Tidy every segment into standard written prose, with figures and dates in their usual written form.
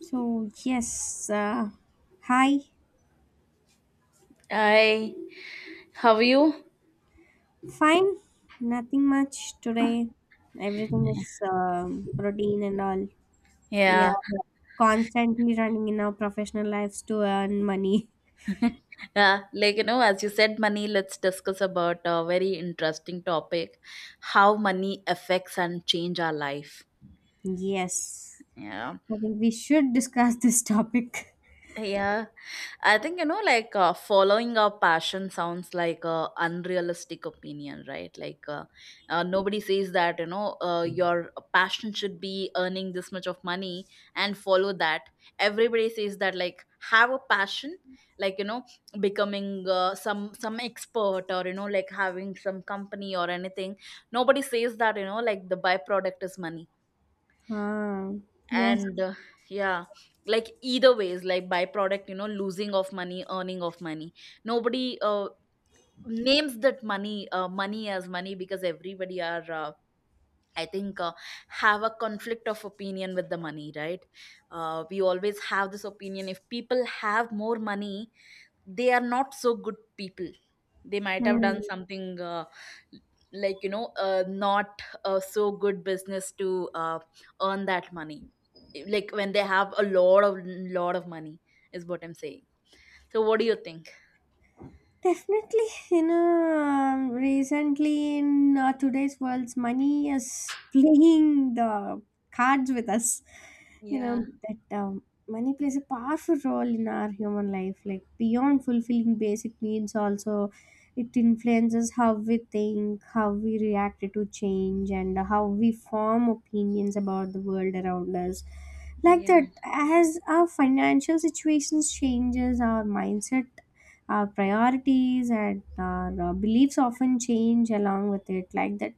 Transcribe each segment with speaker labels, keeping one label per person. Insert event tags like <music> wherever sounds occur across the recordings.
Speaker 1: So, yes, hi,
Speaker 2: Hi, how are you?
Speaker 1: fine, nothing much today. Everything is routine and all. We
Speaker 2: Yeah,
Speaker 1: are constantly running in our professional lives to earn money. <laughs>
Speaker 2: yeah. Like you know, as you said, money. Let's discuss about a very interesting topic: how money affects and change our life.
Speaker 1: Yes,
Speaker 2: Yeah.
Speaker 1: I think we should discuss this topic. <laughs>
Speaker 2: Yeah, I think you know, like following a passion sounds like a unrealistic opinion, right? Nobody says that you know your passion should be earning this much of money and follow that. Everybody says that like have a passion, like you know becoming some expert, or you know like having some company or anything. Nobody says that you know like the byproduct is money.
Speaker 1: Ah, yes.
Speaker 2: And Yeah, like either ways, like byproduct, you know, losing of money, earning of money, nobody names that money money as money, because everybody are I think have a conflict of opinion with the money, right? We always have this opinion: if people have more money, they are not so good people, they might have
Speaker 1: Hmm.
Speaker 2: done something like you know not a so good business to earn that money, like when they have a lot of money, is what I'm saying. So what do you think?
Speaker 1: Definitely, you know, recently in today's world's money is playing the cards with us. You
Speaker 2: yeah
Speaker 1: know that money plays a powerful role in our human life, like beyond fulfilling basic needs. Also, it influences how we think, how we react to change, and how we form opinions about the world around us. Like
Speaker 2: yeah
Speaker 1: that, as our financial situations changes, our mindset, our priorities, and our beliefs often change along with it like that.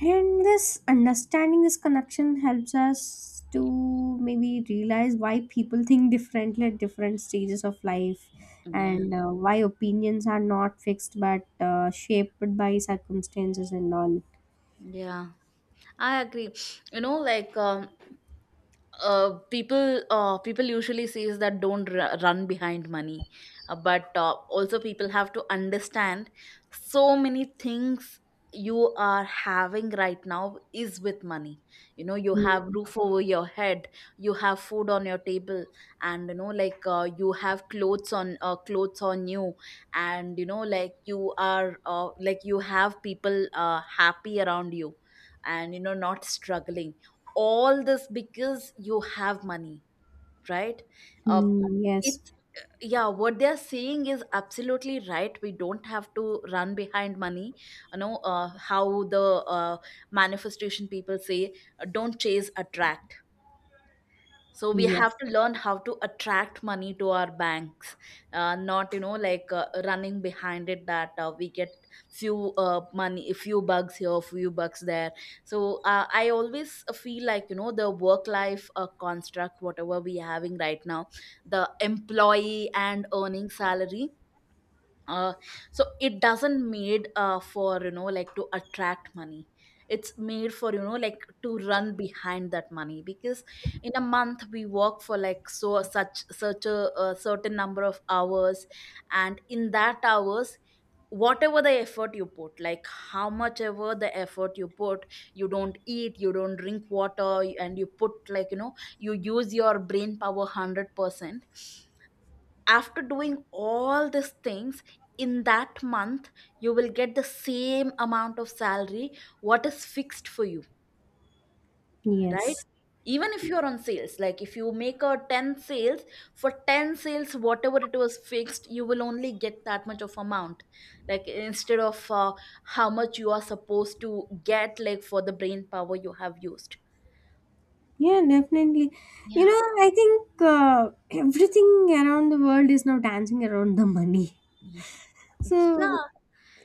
Speaker 1: And this understanding, this connection, helps us to maybe realize why people <laughs> think differently at different stages of life,
Speaker 2: yeah
Speaker 1: and why opinions are not fixed but shaped by circumstances and all.
Speaker 2: yeah I agree. You know, like people usually says that don't run behind money. But also people have to understand so many things you are having right now is with money. You know, you have roof over your head, you have food on your table, and you know like you have clothes on you, and you know like you are like you have people happy around you, and you know, not struggling. All this because you have money, right? uh,
Speaker 1: Mm-hmm. Yes.
Speaker 2: it's Yeah, what they're saying is absolutely right. We don't have to run behind money. You know, how the manifestation people say, don't chase, attract. So we have
Speaker 1: Yes.
Speaker 2: to learn how to attract money to our banks. Not you know like running behind it, that we get few money, few bugs here, few bugs there. So I always feel like, you know, the work life construct, whatever we having right now, the employee and earning salary. uh, so it doesn't made for you know like to attract money, it's made for you know like to run behind that money. Because in a month, we work for like such a certain number of hours, and in that hours, whatever the effort you put, like how much ever the effort you put, you don't eat, you don't drink water, and you put like you know, you use your brain power 100%. After doing all these things, in that month, you will get the same amount of salary what is fixed for you, right?
Speaker 1: Yes.
Speaker 2: Even if you're on sales, like if you make a 10 sales, for 10 sales whatever it was fixed, you will only get that much of amount, like instead of how much you are supposed to get, like for the brain power you have used.
Speaker 1: Yeah, definitely. You
Speaker 2: Yeah.
Speaker 1: know, I think everything around the world is now dancing around the money.
Speaker 2: Y-
Speaker 1: So
Speaker 2: yeah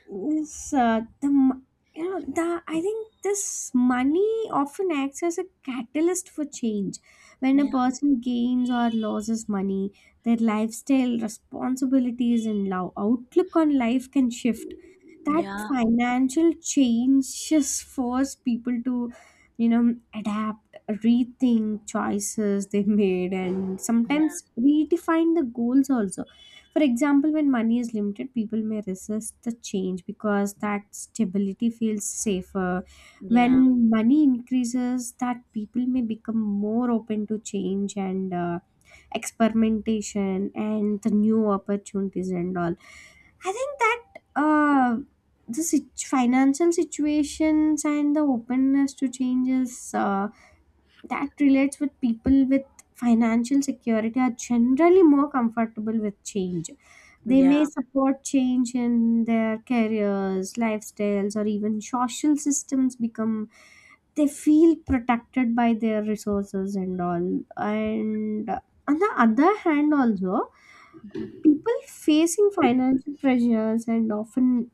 Speaker 1: this, uh, the m- you know, the, I think this money often acts as a catalyst for change. When a
Speaker 2: yeah
Speaker 1: person gains or loses money, their lifestyle, responsibilities, and outlook on life can shift. That
Speaker 2: yeah
Speaker 1: financial changes force people to, you know, adapt, rethink choices they made, and sometimes redefine the goals also. For example, when money is limited, people may resist the change because that stability feels safer.
Speaker 2: yeah
Speaker 1: When money increases, that people may become more open to change and experimentation and the new opportunities and all. I think that uh, financial situations and the openness to changes, that relates with people, with financial security, are generally more comfortable with change. They may
Speaker 2: yeah
Speaker 1: support change in their careers, lifestyles, or even social systems, become they feel protected by their resources and all. And on the other hand also, people facing financial pressures and often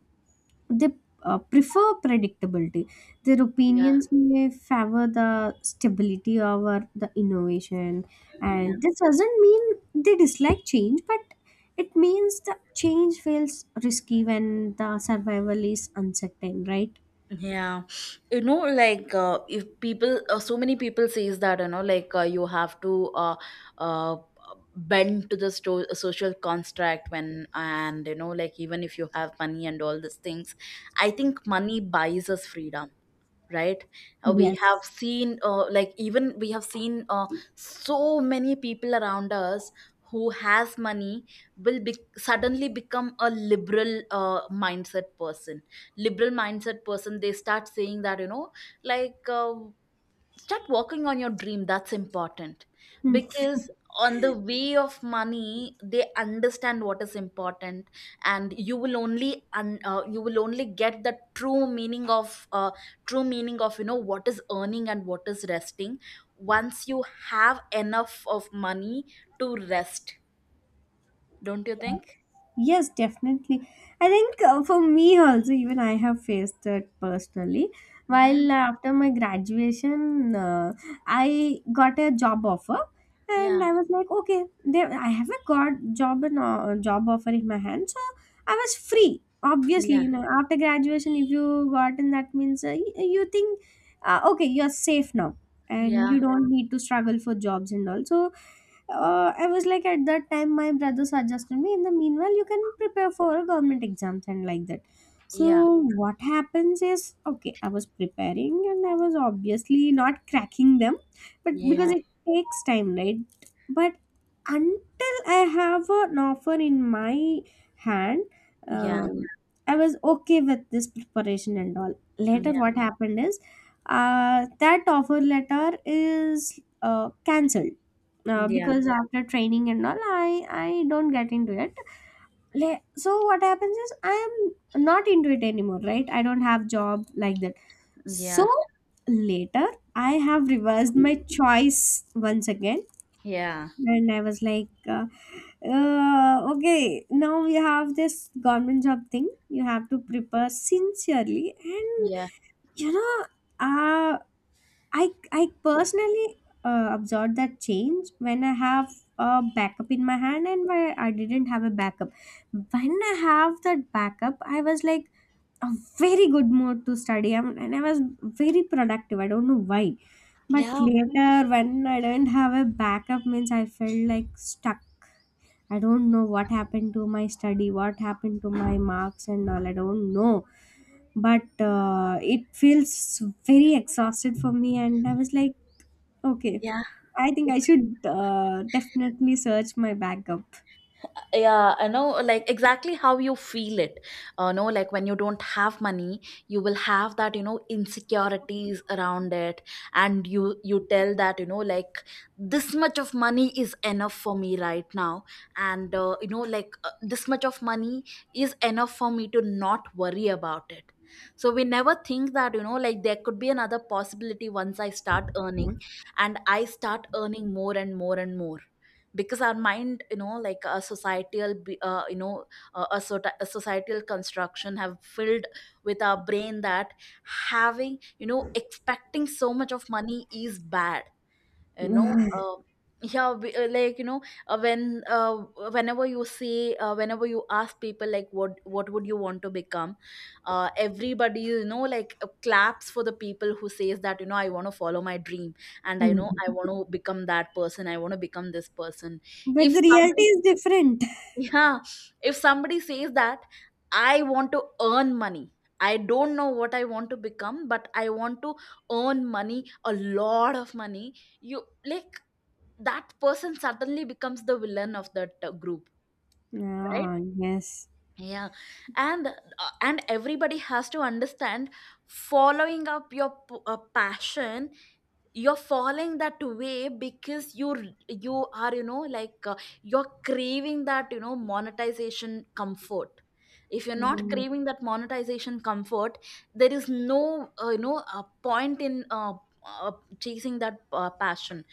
Speaker 1: they prefer predictability. Their
Speaker 2: yeah
Speaker 1: opinions may favor the stability over the innovation,
Speaker 2: yeah
Speaker 1: and this doesn't mean they dislike change, but it means the change feels risky when the survival is uncertain, right?
Speaker 2: yeah. You know like if people so many people says that you know like you have to uh, bend to the social construct, when and you know like, even if you have money and all these things, I think money buys us freedom, right? We have
Speaker 1: Yes.
Speaker 2: seen like even we have seen so many people around us who has money, will suddenly become a liberal mindset person. Liberal mindset person, they start saying that you know like start working on your dream, that's important. Because on the way of money, they understand what is important. And you will only you will only get the true meaning of uh, you know what is earning and what is resting, once you have enough of money to rest. Don't you think?
Speaker 1: Yes, definitely. I think for me also, even I have faced it personally.
Speaker 2: Yeah
Speaker 1: While after my graduation, I got a job offer,
Speaker 2: yeah
Speaker 1: and I was like, okay, there I have a got job and job offer in my hand, so I was free. Obviously,
Speaker 2: yeah
Speaker 1: you know, after graduation, if you got in, that means you think, okay, you're safe now, and
Speaker 2: yeah
Speaker 1: you don't need to struggle for jobs and all. So I was like at that time my brother suggested me in the meanwhile you can prepare for government exams and like that.
Speaker 2: yeah
Speaker 1: So what happens is okay, I was preparing and I was obviously not cracking them, but because
Speaker 2: yeah
Speaker 1: it takes time, right? But until I have an offer in my hand,
Speaker 2: yeah
Speaker 1: um, I was okay with this preparation and all.
Speaker 2: yeah
Speaker 1: Later
Speaker 2: yeah
Speaker 1: what happened is that offer letter is cancelled,
Speaker 2: yeah
Speaker 1: because after training and all I don't get into it. So what happens is I am not into it anymore, right? I don't have job like that. So
Speaker 2: yeah
Speaker 1: later I have reversed my choice once again and I was like okay, now we have this government job thing, you have to prepare sincerely and
Speaker 2: yeah
Speaker 1: you know, uh, I personally observed that change when I have a backup in my hand and where I didn't have a backup. When I have that backup, I was like a very good mood to study, and I was very productive. I don't know why. But
Speaker 2: yeah
Speaker 1: later when I didn't have a backup means I felt like stuck. I don't know what happened to my study, what happened to my marks and all. I don't know. But it feels very exhausted for me and I was like, okay.
Speaker 2: yeah
Speaker 1: I think I should definitely search my backup. <laughs>
Speaker 2: yeah I know, like, exactly how you feel it. No, like when you don't have money, you will have that, you know, insecurities around it. And you tell that you know like this much of money is enough for me right now, and you know like this much of money is enough for me to not worry about it. So we never think that you know like there could be another possibility once I start earning, and I start earning more and more and more. Because our mind, you know, like a societal you know a societal construction have filled with our brain that having, you know, expecting so much of money is bad. You know yeah like you know uh, when uh, whenever you see whenever you ask people, like, what would you want to become. Everybody, you know, like claps for the people who says that, you know, I want to follow my dream, and I know I want
Speaker 1: But
Speaker 2: to become that person, I want to become this person. If
Speaker 1: the reality
Speaker 2: somebody,
Speaker 1: is different.
Speaker 2: yeah, if somebody says that I want to earn money, I don't know what I want to become, but I want to earn money, a lot of money. You like, that person suddenly becomes the villain of that group, right?
Speaker 1: Ah, yes.
Speaker 2: Yeah, and uh, and everybody has to understand, following up your passion, you're falling that way because you are you know like you're craving that, you know, monetization comfort. If you're not
Speaker 1: Mm.
Speaker 2: craving that monetization comfort, there is no you know a point in uh, chasing that passion.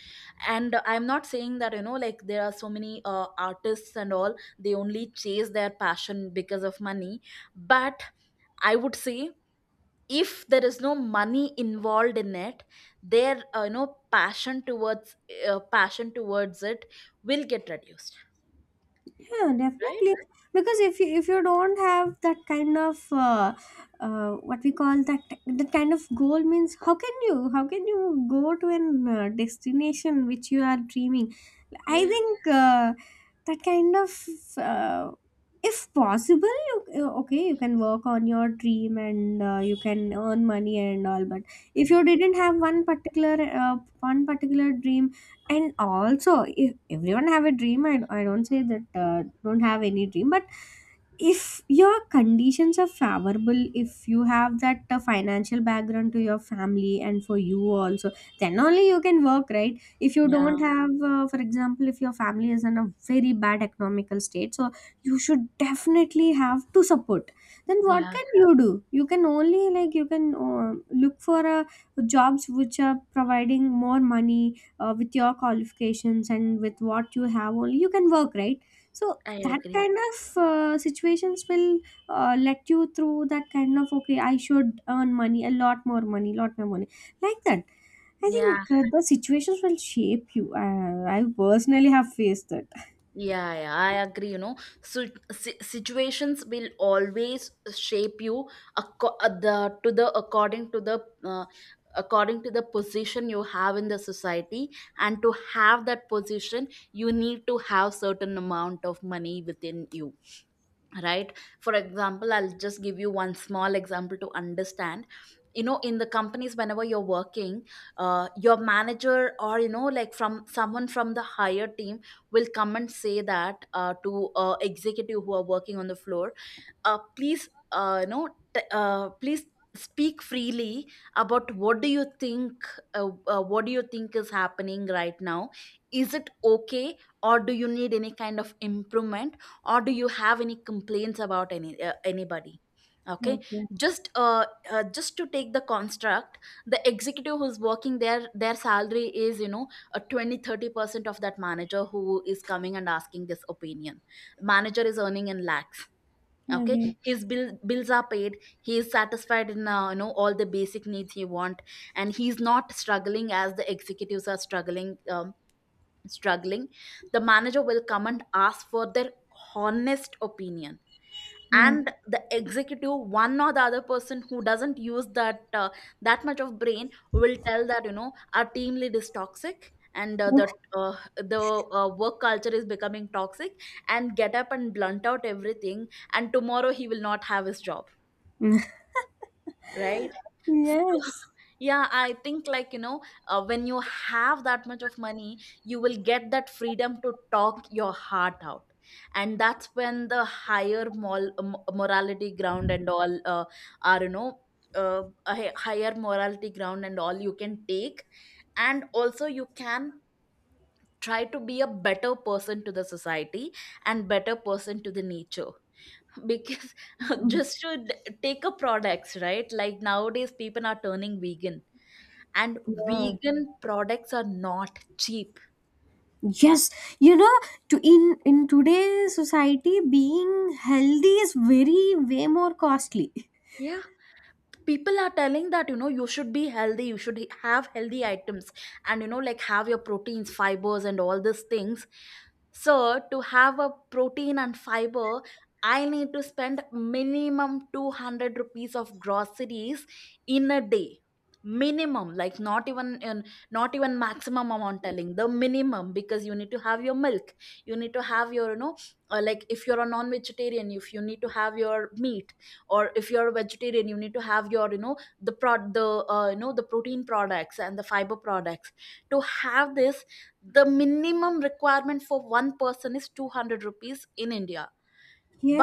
Speaker 2: And I'm not saying that you know like there are so many artists and all, they only chase their passion because of money. But I would say, if there is no money involved in it, their you know passion towards it will get reduced,
Speaker 1: Yeah,
Speaker 2: right?
Speaker 1: definitely. Because if you, if you don't have that kind of uh, what we call that, that kind of goal means how can you, how can you go to an destination which you are dreaming? I
Speaker 2: yeah
Speaker 1: think that kind of, uh, if possible, you, okay, you can work on your dream and you can earn money and all. But if you didn't have one particular dream, and also if everyone have a dream, I don't say that don't have any dream, but if your conditions are favorable, if you have that financial background to your family and for you also, then only you can work, right? If you
Speaker 2: yeah
Speaker 1: don't have for example, if your family is in a very bad economical state, so you should definitely have to support. Then what
Speaker 2: yeah
Speaker 1: can you do? You can only, like, you can look for jobs which are providing more money with your qualifications and with what you have only, you can work, right? So
Speaker 2: I
Speaker 1: that
Speaker 2: agree.
Speaker 1: kind of situations will let you through that kind of, okay, I should earn money, a lot more money, lot more money, like that. I
Speaker 2: yeah
Speaker 1: think the situations will shape you. I personally have faced that.
Speaker 2: yeah, yeah I agree, you know. So situations will always shape you, acco- the to the according to the position you have in the society. And to have that position, you need to have certain amount of money within you, right? For example, I'll just give you one small example to understand. You know, in the companies, whenever you're working, your manager, or you know like from someone from the higher team, will come and say that to executive who are working on the floor, please you know t- please speak freely about what do you think. What do you think is happening right now? Is it okay? Or do you need any kind of improvement? Or do you have any complaints about any anybody? Okay.
Speaker 1: Okay.
Speaker 2: Just just to take the construct, the executive who's working there, their salary is, you know, a 20-30% of that manager who is coming and asking this opinion. Manager is earning in lakh. Okay,
Speaker 1: Okay.
Speaker 2: his bills are paid, he is satisfied in you know all the basic needs he want, and he's not struggling as the executives are struggling. Struggling the manager will come and ask for their honest opinion,
Speaker 1: Yeah.
Speaker 2: and the executive, one or the other person who doesn't use that that much of brain, will tell that you know our team lead is toxic, and that the work culture is becoming toxic, and get up and blunt out everything, and tomorrow he will not have his job,
Speaker 1: <laughs>
Speaker 2: right? So,
Speaker 1: Yes.
Speaker 2: <laughs> yeah, I think like, you know, when you have that much of money, you will get that freedom to talk your heart out. And that's when the higher morality ground and all are, you know, higher morality ground and all you can take. And also, you can try to be a better person to the society and better person to the nature <laughs> because <laughs> just to take a products, right? Like nowadays people are turning vegan, and
Speaker 1: Yeah.
Speaker 2: vegan products are not cheap.
Speaker 1: Yes. You know, to in today's society being healthy is very, way more costly.
Speaker 2: Yeah, people are telling that, you should be healthy, you should have healthy items, and like have your proteins, fibers and all these things. So to have a protein and fiber, I need to spend minimum 200 rupees of groceries in a day. Minimum, like, not even maximum amount, telling the minimum, because you need to have your milk, you need to have your, like, if you're a non-vegetarian, if you need to have your meat, or if you're a vegetarian, you need to have your, the protein products and the fiber products. To have this, the minimum requirement for one person is 200 rupees in India.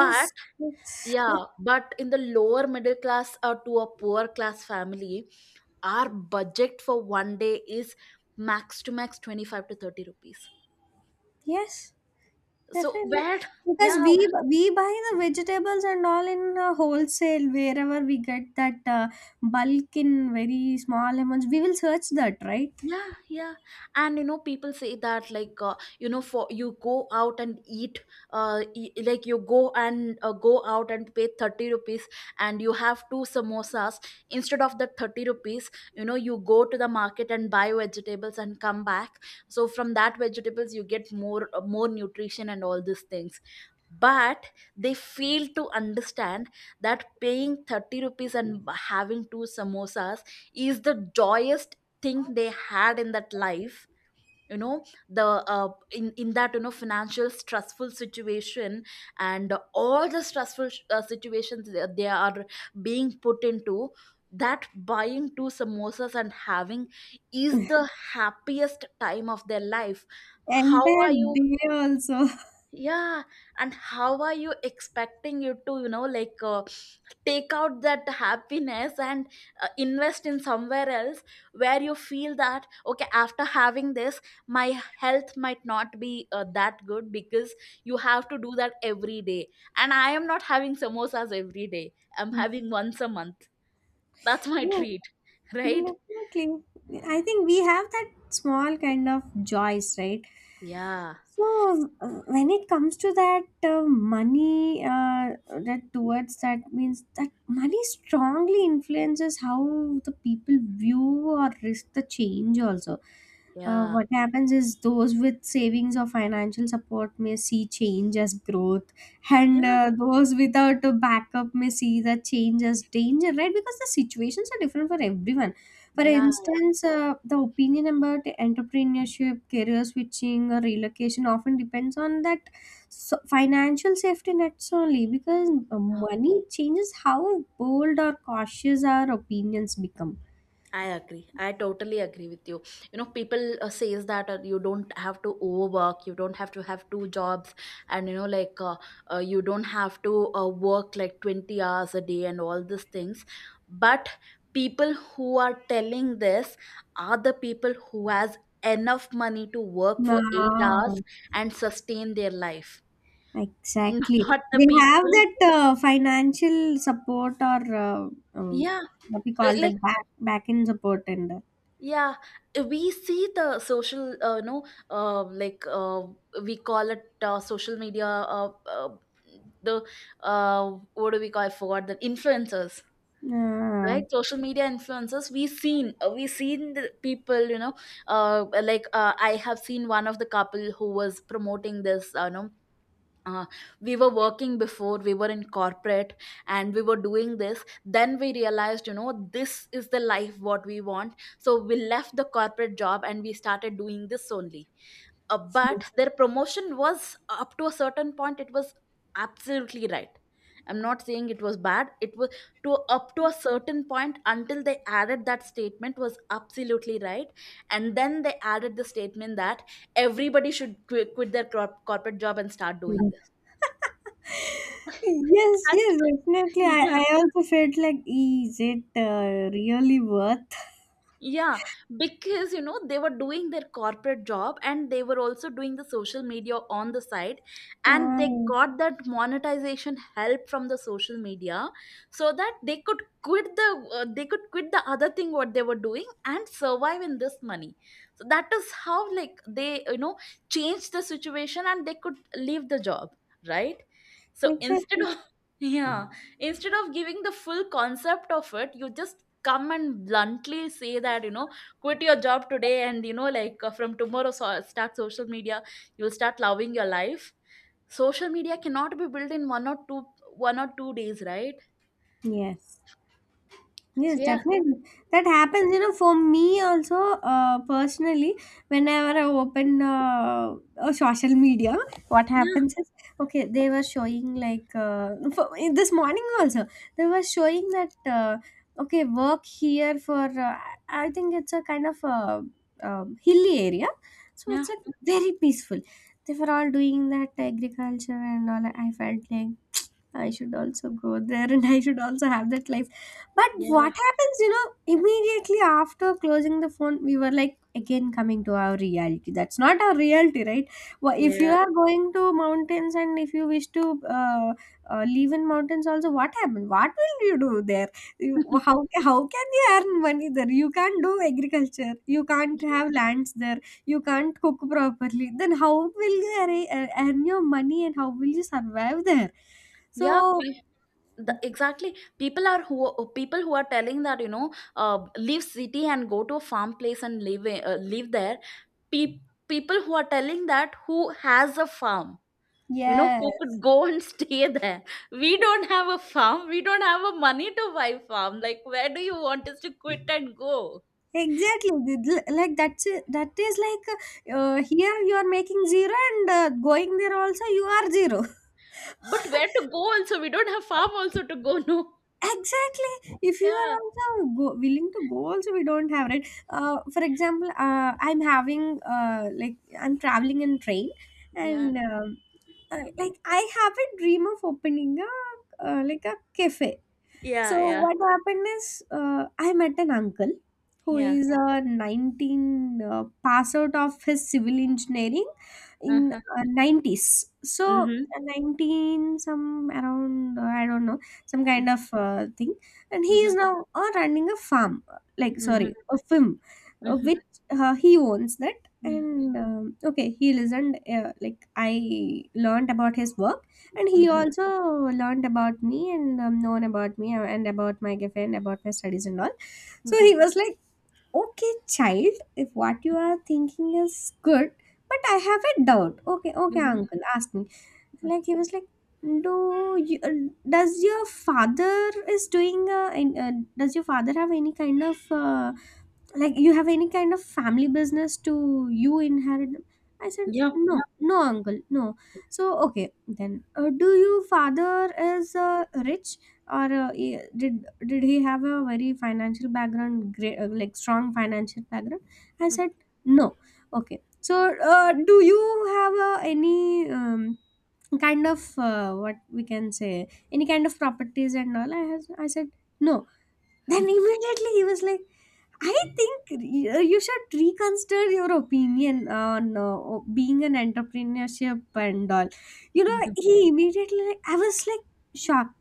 Speaker 2: But
Speaker 1: yes,
Speaker 2: Yeah, but in the lower middle class or to a poor class family, our budget for one day is max to max 25 to 30 rupees.
Speaker 1: yes,
Speaker 2: So
Speaker 1: definitely.
Speaker 2: where
Speaker 1: Because
Speaker 2: Yeah.
Speaker 1: we buy the vegetables and all in a wholesale wherever we get that bulk in very small amounts. We will search that, right?
Speaker 2: Yeah, yeah. And people say that, like, for you go out and eat, like you go and go out and pay 30 rupees, and you have two samosas instead of the 30 rupees. You know, you go to the market and buy vegetables and come back. So from that vegetables, you get more more nutrition and all these things. But they fail to understand that paying 30 rupees and having two samosas is the joyous thing they had in that life. You know the uh, in that you know financial stressful situation and all the stressful situations they are being put into, that buying two samosas and having is the happiest time of their life. How
Speaker 1: Entire
Speaker 2: are you
Speaker 1: day also.
Speaker 2: Yeah. And how are you expecting you to, take out that happiness and invest in somewhere else, where you feel that okay, after having this my health might not be that good, because you have to do that every day, and I am not having samosas every day, I'm
Speaker 1: <laughs> Mm.
Speaker 2: having once a month. That's my <laughs>
Speaker 1: Yeah,
Speaker 2: treat, right?
Speaker 1: definitely. I think we have that small kind of joys, right?
Speaker 2: Yeah,
Speaker 1: So when it comes to that money, that towards that means that money strongly influences how the people view or risk the change. Also,
Speaker 2: yeah,
Speaker 1: what happens is those with savings or financial support may see change as growth, and
Speaker 2: yeah,
Speaker 1: those without a backup may see the change as danger, right? Because the situations are different for everyone. For
Speaker 2: yeah.
Speaker 1: instance, the opinion about entrepreneurship, career switching, or relocation often depends on that financial safety nets only, because money changes how bold or cautious our opinions become.
Speaker 2: I agree. I totally agree with you. You know, people says that you don't have to overwork, you don't have to have two jobs, and like you don't have to work like 20 hours a day and all these things. But people who are telling this are the people who has enough money to work for 8 hours
Speaker 1: Ah,
Speaker 2: and sustain their life, <laughs>
Speaker 1: exactly.
Speaker 2: not the
Speaker 1: They have
Speaker 2: people.
Speaker 1: that financial support or uh, um,
Speaker 2: Yeah,
Speaker 1: what we call
Speaker 2: like,
Speaker 1: that back end support and
Speaker 2: yeah, we see the social, no, uh, like uh, we call it social media. The What do we call? I forgot. The influencers,
Speaker 1: ah,
Speaker 2: right? Social media influencers. We seen the people. I have seen one of the couple who was promoting this. No, uh, we were working before, we were in corporate, and we were doing this, then we realized this is the life what we want, so we left the corporate job and we started doing this only. But
Speaker 1: yes.
Speaker 2: their promotion was up to a certain point, it was absolutely right. I'm not saying it was bad. It was, to up to a certain point, until they added that statement was absolutely right. And then they added the statement that everybody should quit their corporate job and start doing this.
Speaker 1: Yes,
Speaker 2: 他
Speaker 1: yes,
Speaker 2: <laughs>
Speaker 1: definitely.
Speaker 2: 你。认
Speaker 1: I also felt like, is it really worth?
Speaker 2: Yeah, because they were doing their corporate job and they were also doing the social media on the side, and they
Speaker 1: Uh,
Speaker 2: got that monetization help from the social media, so that they could quit the other thing what they were doing and survive in this money. So that is how, like, they changed the situation and they could leave the job, right? So instead
Speaker 1: exactly.
Speaker 2: of <laughs> yeah, instead of giving the full concept of it, you just come and bluntly say that, quit your job today, and from tomorrow so start social media, you'll start loving your life. Social media cannot be built in one or two days, right?
Speaker 1: Yes. Yes,
Speaker 2: So yeah,
Speaker 1: definitely. That happens, you know, for me also, personally, whenever I open social media, what
Speaker 2: yeah,
Speaker 1: happens is, okay, they were showing like, for, this morning also, they were showing that, okay, work here for, I think it's a kind of hilly area. So
Speaker 2: yeah,
Speaker 1: it's like very peaceful. They were all doing that agriculture and all. I felt like I should also go there and I should also have that life. But
Speaker 2: yeah,
Speaker 1: what happens, you know, immediately after closing the phone, we were like again coming to our reality. That's not our reality, right? If you
Speaker 2: yeah.
Speaker 1: are going to mountains and if you wish to live in mountains, also, what happens? What will you do there?
Speaker 2: <laughs>
Speaker 1: How can you earn money there? You can't do agriculture, you can't have lands there, you can't cook properly. Then, how will you earn your money and how will you survive there?
Speaker 2: Yeah.
Speaker 1: So
Speaker 2: Exactly, people who are telling that, leave city and go to a farm place and live there. pe- People who are telling that, who has a farm, who could
Speaker 1: yes,
Speaker 2: go and <laughs> stay there. We don't have a farm, we don't have a money to buy farm. Like, where do you want us to quit and go?
Speaker 1: exactly. Like that's it. That is like here you are making zero and going there also you are zero. <laughs>
Speaker 2: But where to go? Also we don't have farm also to go, <laughs> no.
Speaker 1: Exactly. If you are
Speaker 2: Yeah,
Speaker 1: also go, willing to go, also we don't have, right. For example, I'm having like I'm traveling in train,
Speaker 2: yeah,
Speaker 1: and like I have a dream of opening a like a cafe. So
Speaker 2: yeah, yeah,
Speaker 1: what happened is I met an uncle who
Speaker 2: yeah.
Speaker 1: is a 19 pass out of his civil engineering in
Speaker 2: Uh-huh.
Speaker 1: 90s. So
Speaker 2: Mm-hmm.
Speaker 1: 19 some around I don't know, some kind of thing, and he
Speaker 2: Mm-hmm.
Speaker 1: is now running a farm, like
Speaker 2: Mm-hmm.
Speaker 1: sorry, a film
Speaker 2: Mm-hmm.
Speaker 1: which he owns that.
Speaker 2: Mm-hmm.
Speaker 1: And okay, he listened, like I learned about his work and he
Speaker 2: Mm-hmm.
Speaker 1: also learned about me and known about me and about my cafe and about my studies and all. So
Speaker 2: Mm-hmm.
Speaker 1: he was like, okay, child, if what you are thinking is good, but I have a doubt. Okay, okay
Speaker 2: Mm-hmm.
Speaker 1: uncle, ask me. Like he was like, do you, does your father is doing does your father have any kind of like you have any kind of family business to you inherit them? I said,
Speaker 2: Yeah.
Speaker 1: no, no uncle, no. So okay, then do you father is rich, or did he have a very financial background great, like strong financial background? I
Speaker 2: Mhm.
Speaker 1: said no. Okay, so do you have any kind of what we can say, any kind of properties and all I has? I said no. <laughs> Then immediately he was like, I think you should reconsider your opinion on being an entrepreneurship and all. You know,
Speaker 2: Mhm.
Speaker 1: he immediately, like, I was like shocked.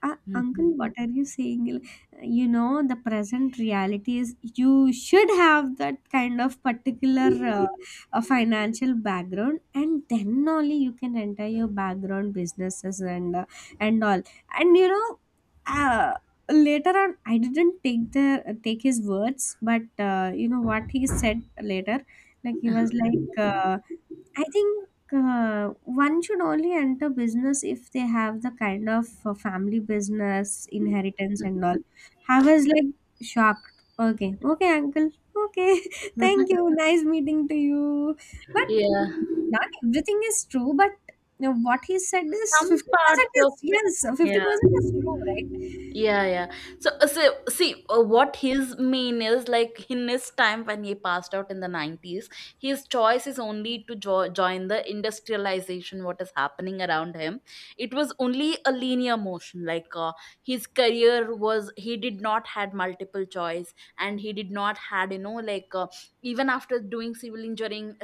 Speaker 1: Uncle,
Speaker 2: Mhm.
Speaker 1: what are you saying? Like, you know, the present reality is you should have that kind of particular financial background, and then only you can enter your background businesses and all. And you know, uh, later on I didn't take the, take his words, but you know what he said later, like he was like I think one should only enter business if they have the kind of family business inheritance and all. I was like shocked. Okay, okay uncle, okay. <laughs> Thank
Speaker 2: Mhm.
Speaker 1: you, nice meeting to you. But
Speaker 2: Yeah.
Speaker 1: not everything is true, but you know, what he said is
Speaker 2: Some
Speaker 1: 50%
Speaker 2: parts.
Speaker 1: is, yes,
Speaker 2: Yeah,
Speaker 1: 50% is true, right?
Speaker 2: yeah, yeah. So see, what his mean is, like, in his time when he passed out in the 90s, his choice is only to join the industrialization what is happening around him. It was only a linear motion, like, his career was, he did not had multiple choice, and he did not had, even after doing civil engineering,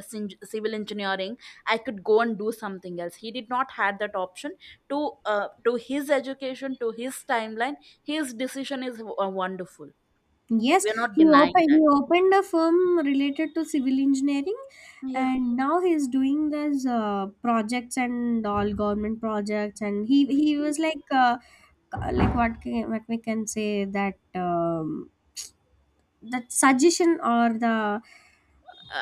Speaker 2: civil engineering I could go and do something else, he did not had that option. To uh, to his education, to his timeline, his decision is wonderful.
Speaker 1: Yes,
Speaker 2: We are not
Speaker 1: he
Speaker 2: denying
Speaker 1: opened, he
Speaker 2: that.
Speaker 1: opened a firm related to civil engineering,
Speaker 2: Yeah.
Speaker 1: and now he's doing these projects and all government projects. And he was like what can, what we can say that that suggestion or the,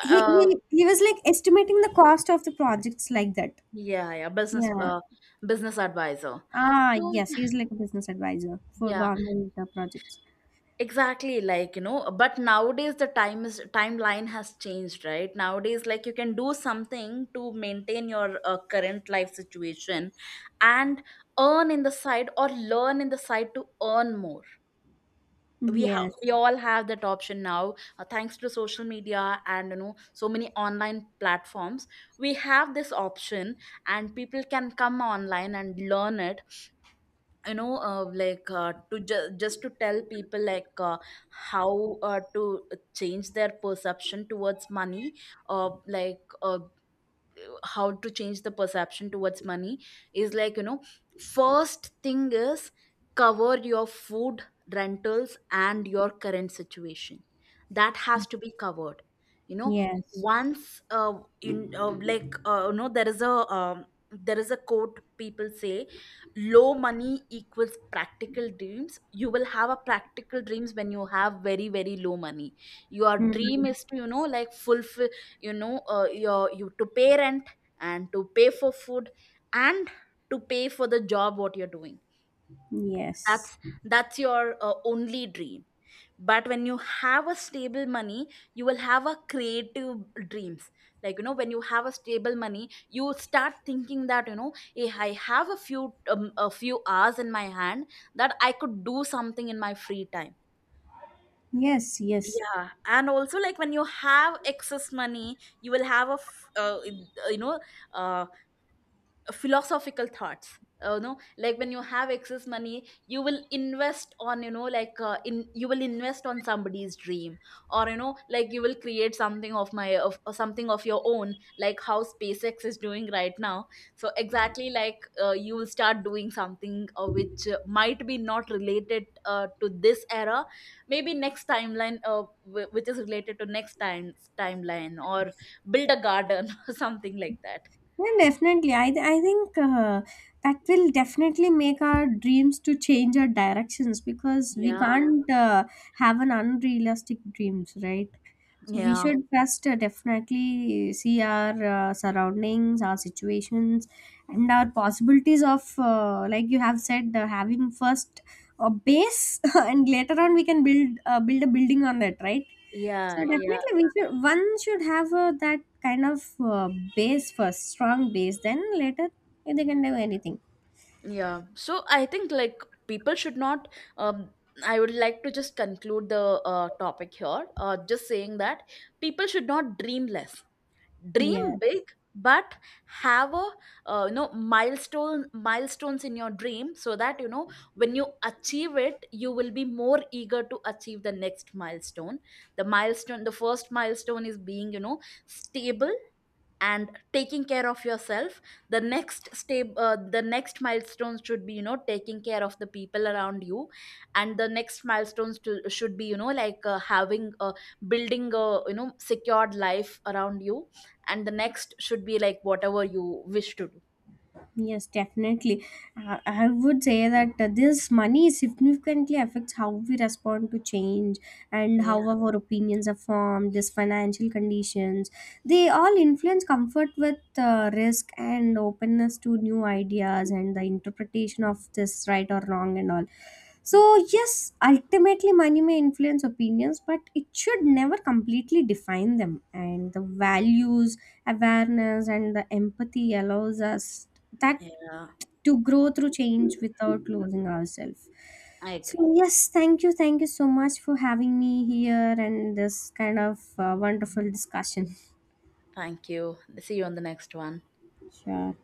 Speaker 2: uh,
Speaker 1: he was like estimating the cost of the projects like that.
Speaker 2: yeah, yeah.
Speaker 1: Yeah.
Speaker 2: Business advisor.
Speaker 1: Ah,
Speaker 2: So
Speaker 1: yes, he's like a business advisor for
Speaker 2: yeah,
Speaker 1: government projects.
Speaker 2: exactly, like, but nowadays the time is timeline has changed, right? Nowadays, like, you can do something to maintain your current life situation, and earn in the side, or learn in the side to earn more. We
Speaker 1: Yes.
Speaker 2: all have that option now, thanks to social media, and so many online platforms. We have this option, and people can come online and learn it. To just to tell people, like, how to change their perception towards money, uh, like uh, how to change the perception towards money is, like, first thing is, cover your food, rentals, and your current situation, that has to be covered. You know
Speaker 1: Yes.
Speaker 2: once in like you know There is a, um, quote people say, low money equals practical dreams. You will have a practical dreams when you have very very low money. Your dream
Speaker 1: Hmm.
Speaker 2: is to, fulfill, you know your you to pay rent, and to pay for food, and to pay for the job what you're doing.
Speaker 1: Yes.
Speaker 2: That's that's your only dream. But when you have a stable money, you will have a creative dreams. Like, when you have a stable money, you start thinking that, hey, I have a few hours in my hand, that I could do something in my free time.
Speaker 1: Yes, yes.
Speaker 2: Yeah. And also, like, when you have excess money you will have a you know um philosophical thoughts. You know, like, when you have excess money you will invest on, you know like in you will invest on somebody's dream, or you will create something of my of or something of your own, like how SpaceX is doing right now. So exactly, like, you will start doing something which might be not related to this era, maybe next timeline, which is related to next time's timeline, or build a garden <laughs> or something like that.
Speaker 1: Yeah, definitely. I think that will definitely make our dreams to change our directions, because we
Speaker 2: Yeah,
Speaker 1: can't have an unrealistic dreams, right? So we
Speaker 2: yeah.
Speaker 1: should first definitely see our surroundings, our situations, and our possibilities of, like you have said, having first a base, <laughs> and later on we can build a building on that, right?
Speaker 2: Yeah,
Speaker 1: So
Speaker 2: yeah,
Speaker 1: definitely, we should, one should have that kind of base first, strong base. Then later, they can do anything.
Speaker 2: yeah. So I think, like, people should not. Um, I would like to just conclude the topic here. Just saying that people should not dream less. Dream big,
Speaker 1: Yes,
Speaker 2: but have a, milestones in your dream, so that, when you achieve it, you will be more eager to achieve the next milestone. The first milestone is being, stable, and taking care of yourself. The next milestone should be, taking care of the people around you. And the next milestones should be, you know like having building a, secured life around you. And the next should be, like, whatever you wish to do.
Speaker 1: yes, definitely. I would say that this money significantly affects how we respond to change and
Speaker 2: Yeah,
Speaker 1: how our opinions are formed. This financial conditions, they all influence comfort with risk and openness to new ideas and the interpretation of this right or wrong and all. So, yes, ultimately, money may influence opinions, but it should never completely define them. And the values, awareness, and the empathy allows us that
Speaker 2: yeah.
Speaker 1: to grow through change without losing ourselves.
Speaker 2: I agree.
Speaker 1: So, yes, thank you. Thank you so much for having me here and this kind of wonderful discussion. <laughs>
Speaker 2: Thank you. See you on the next one.
Speaker 1: Sure.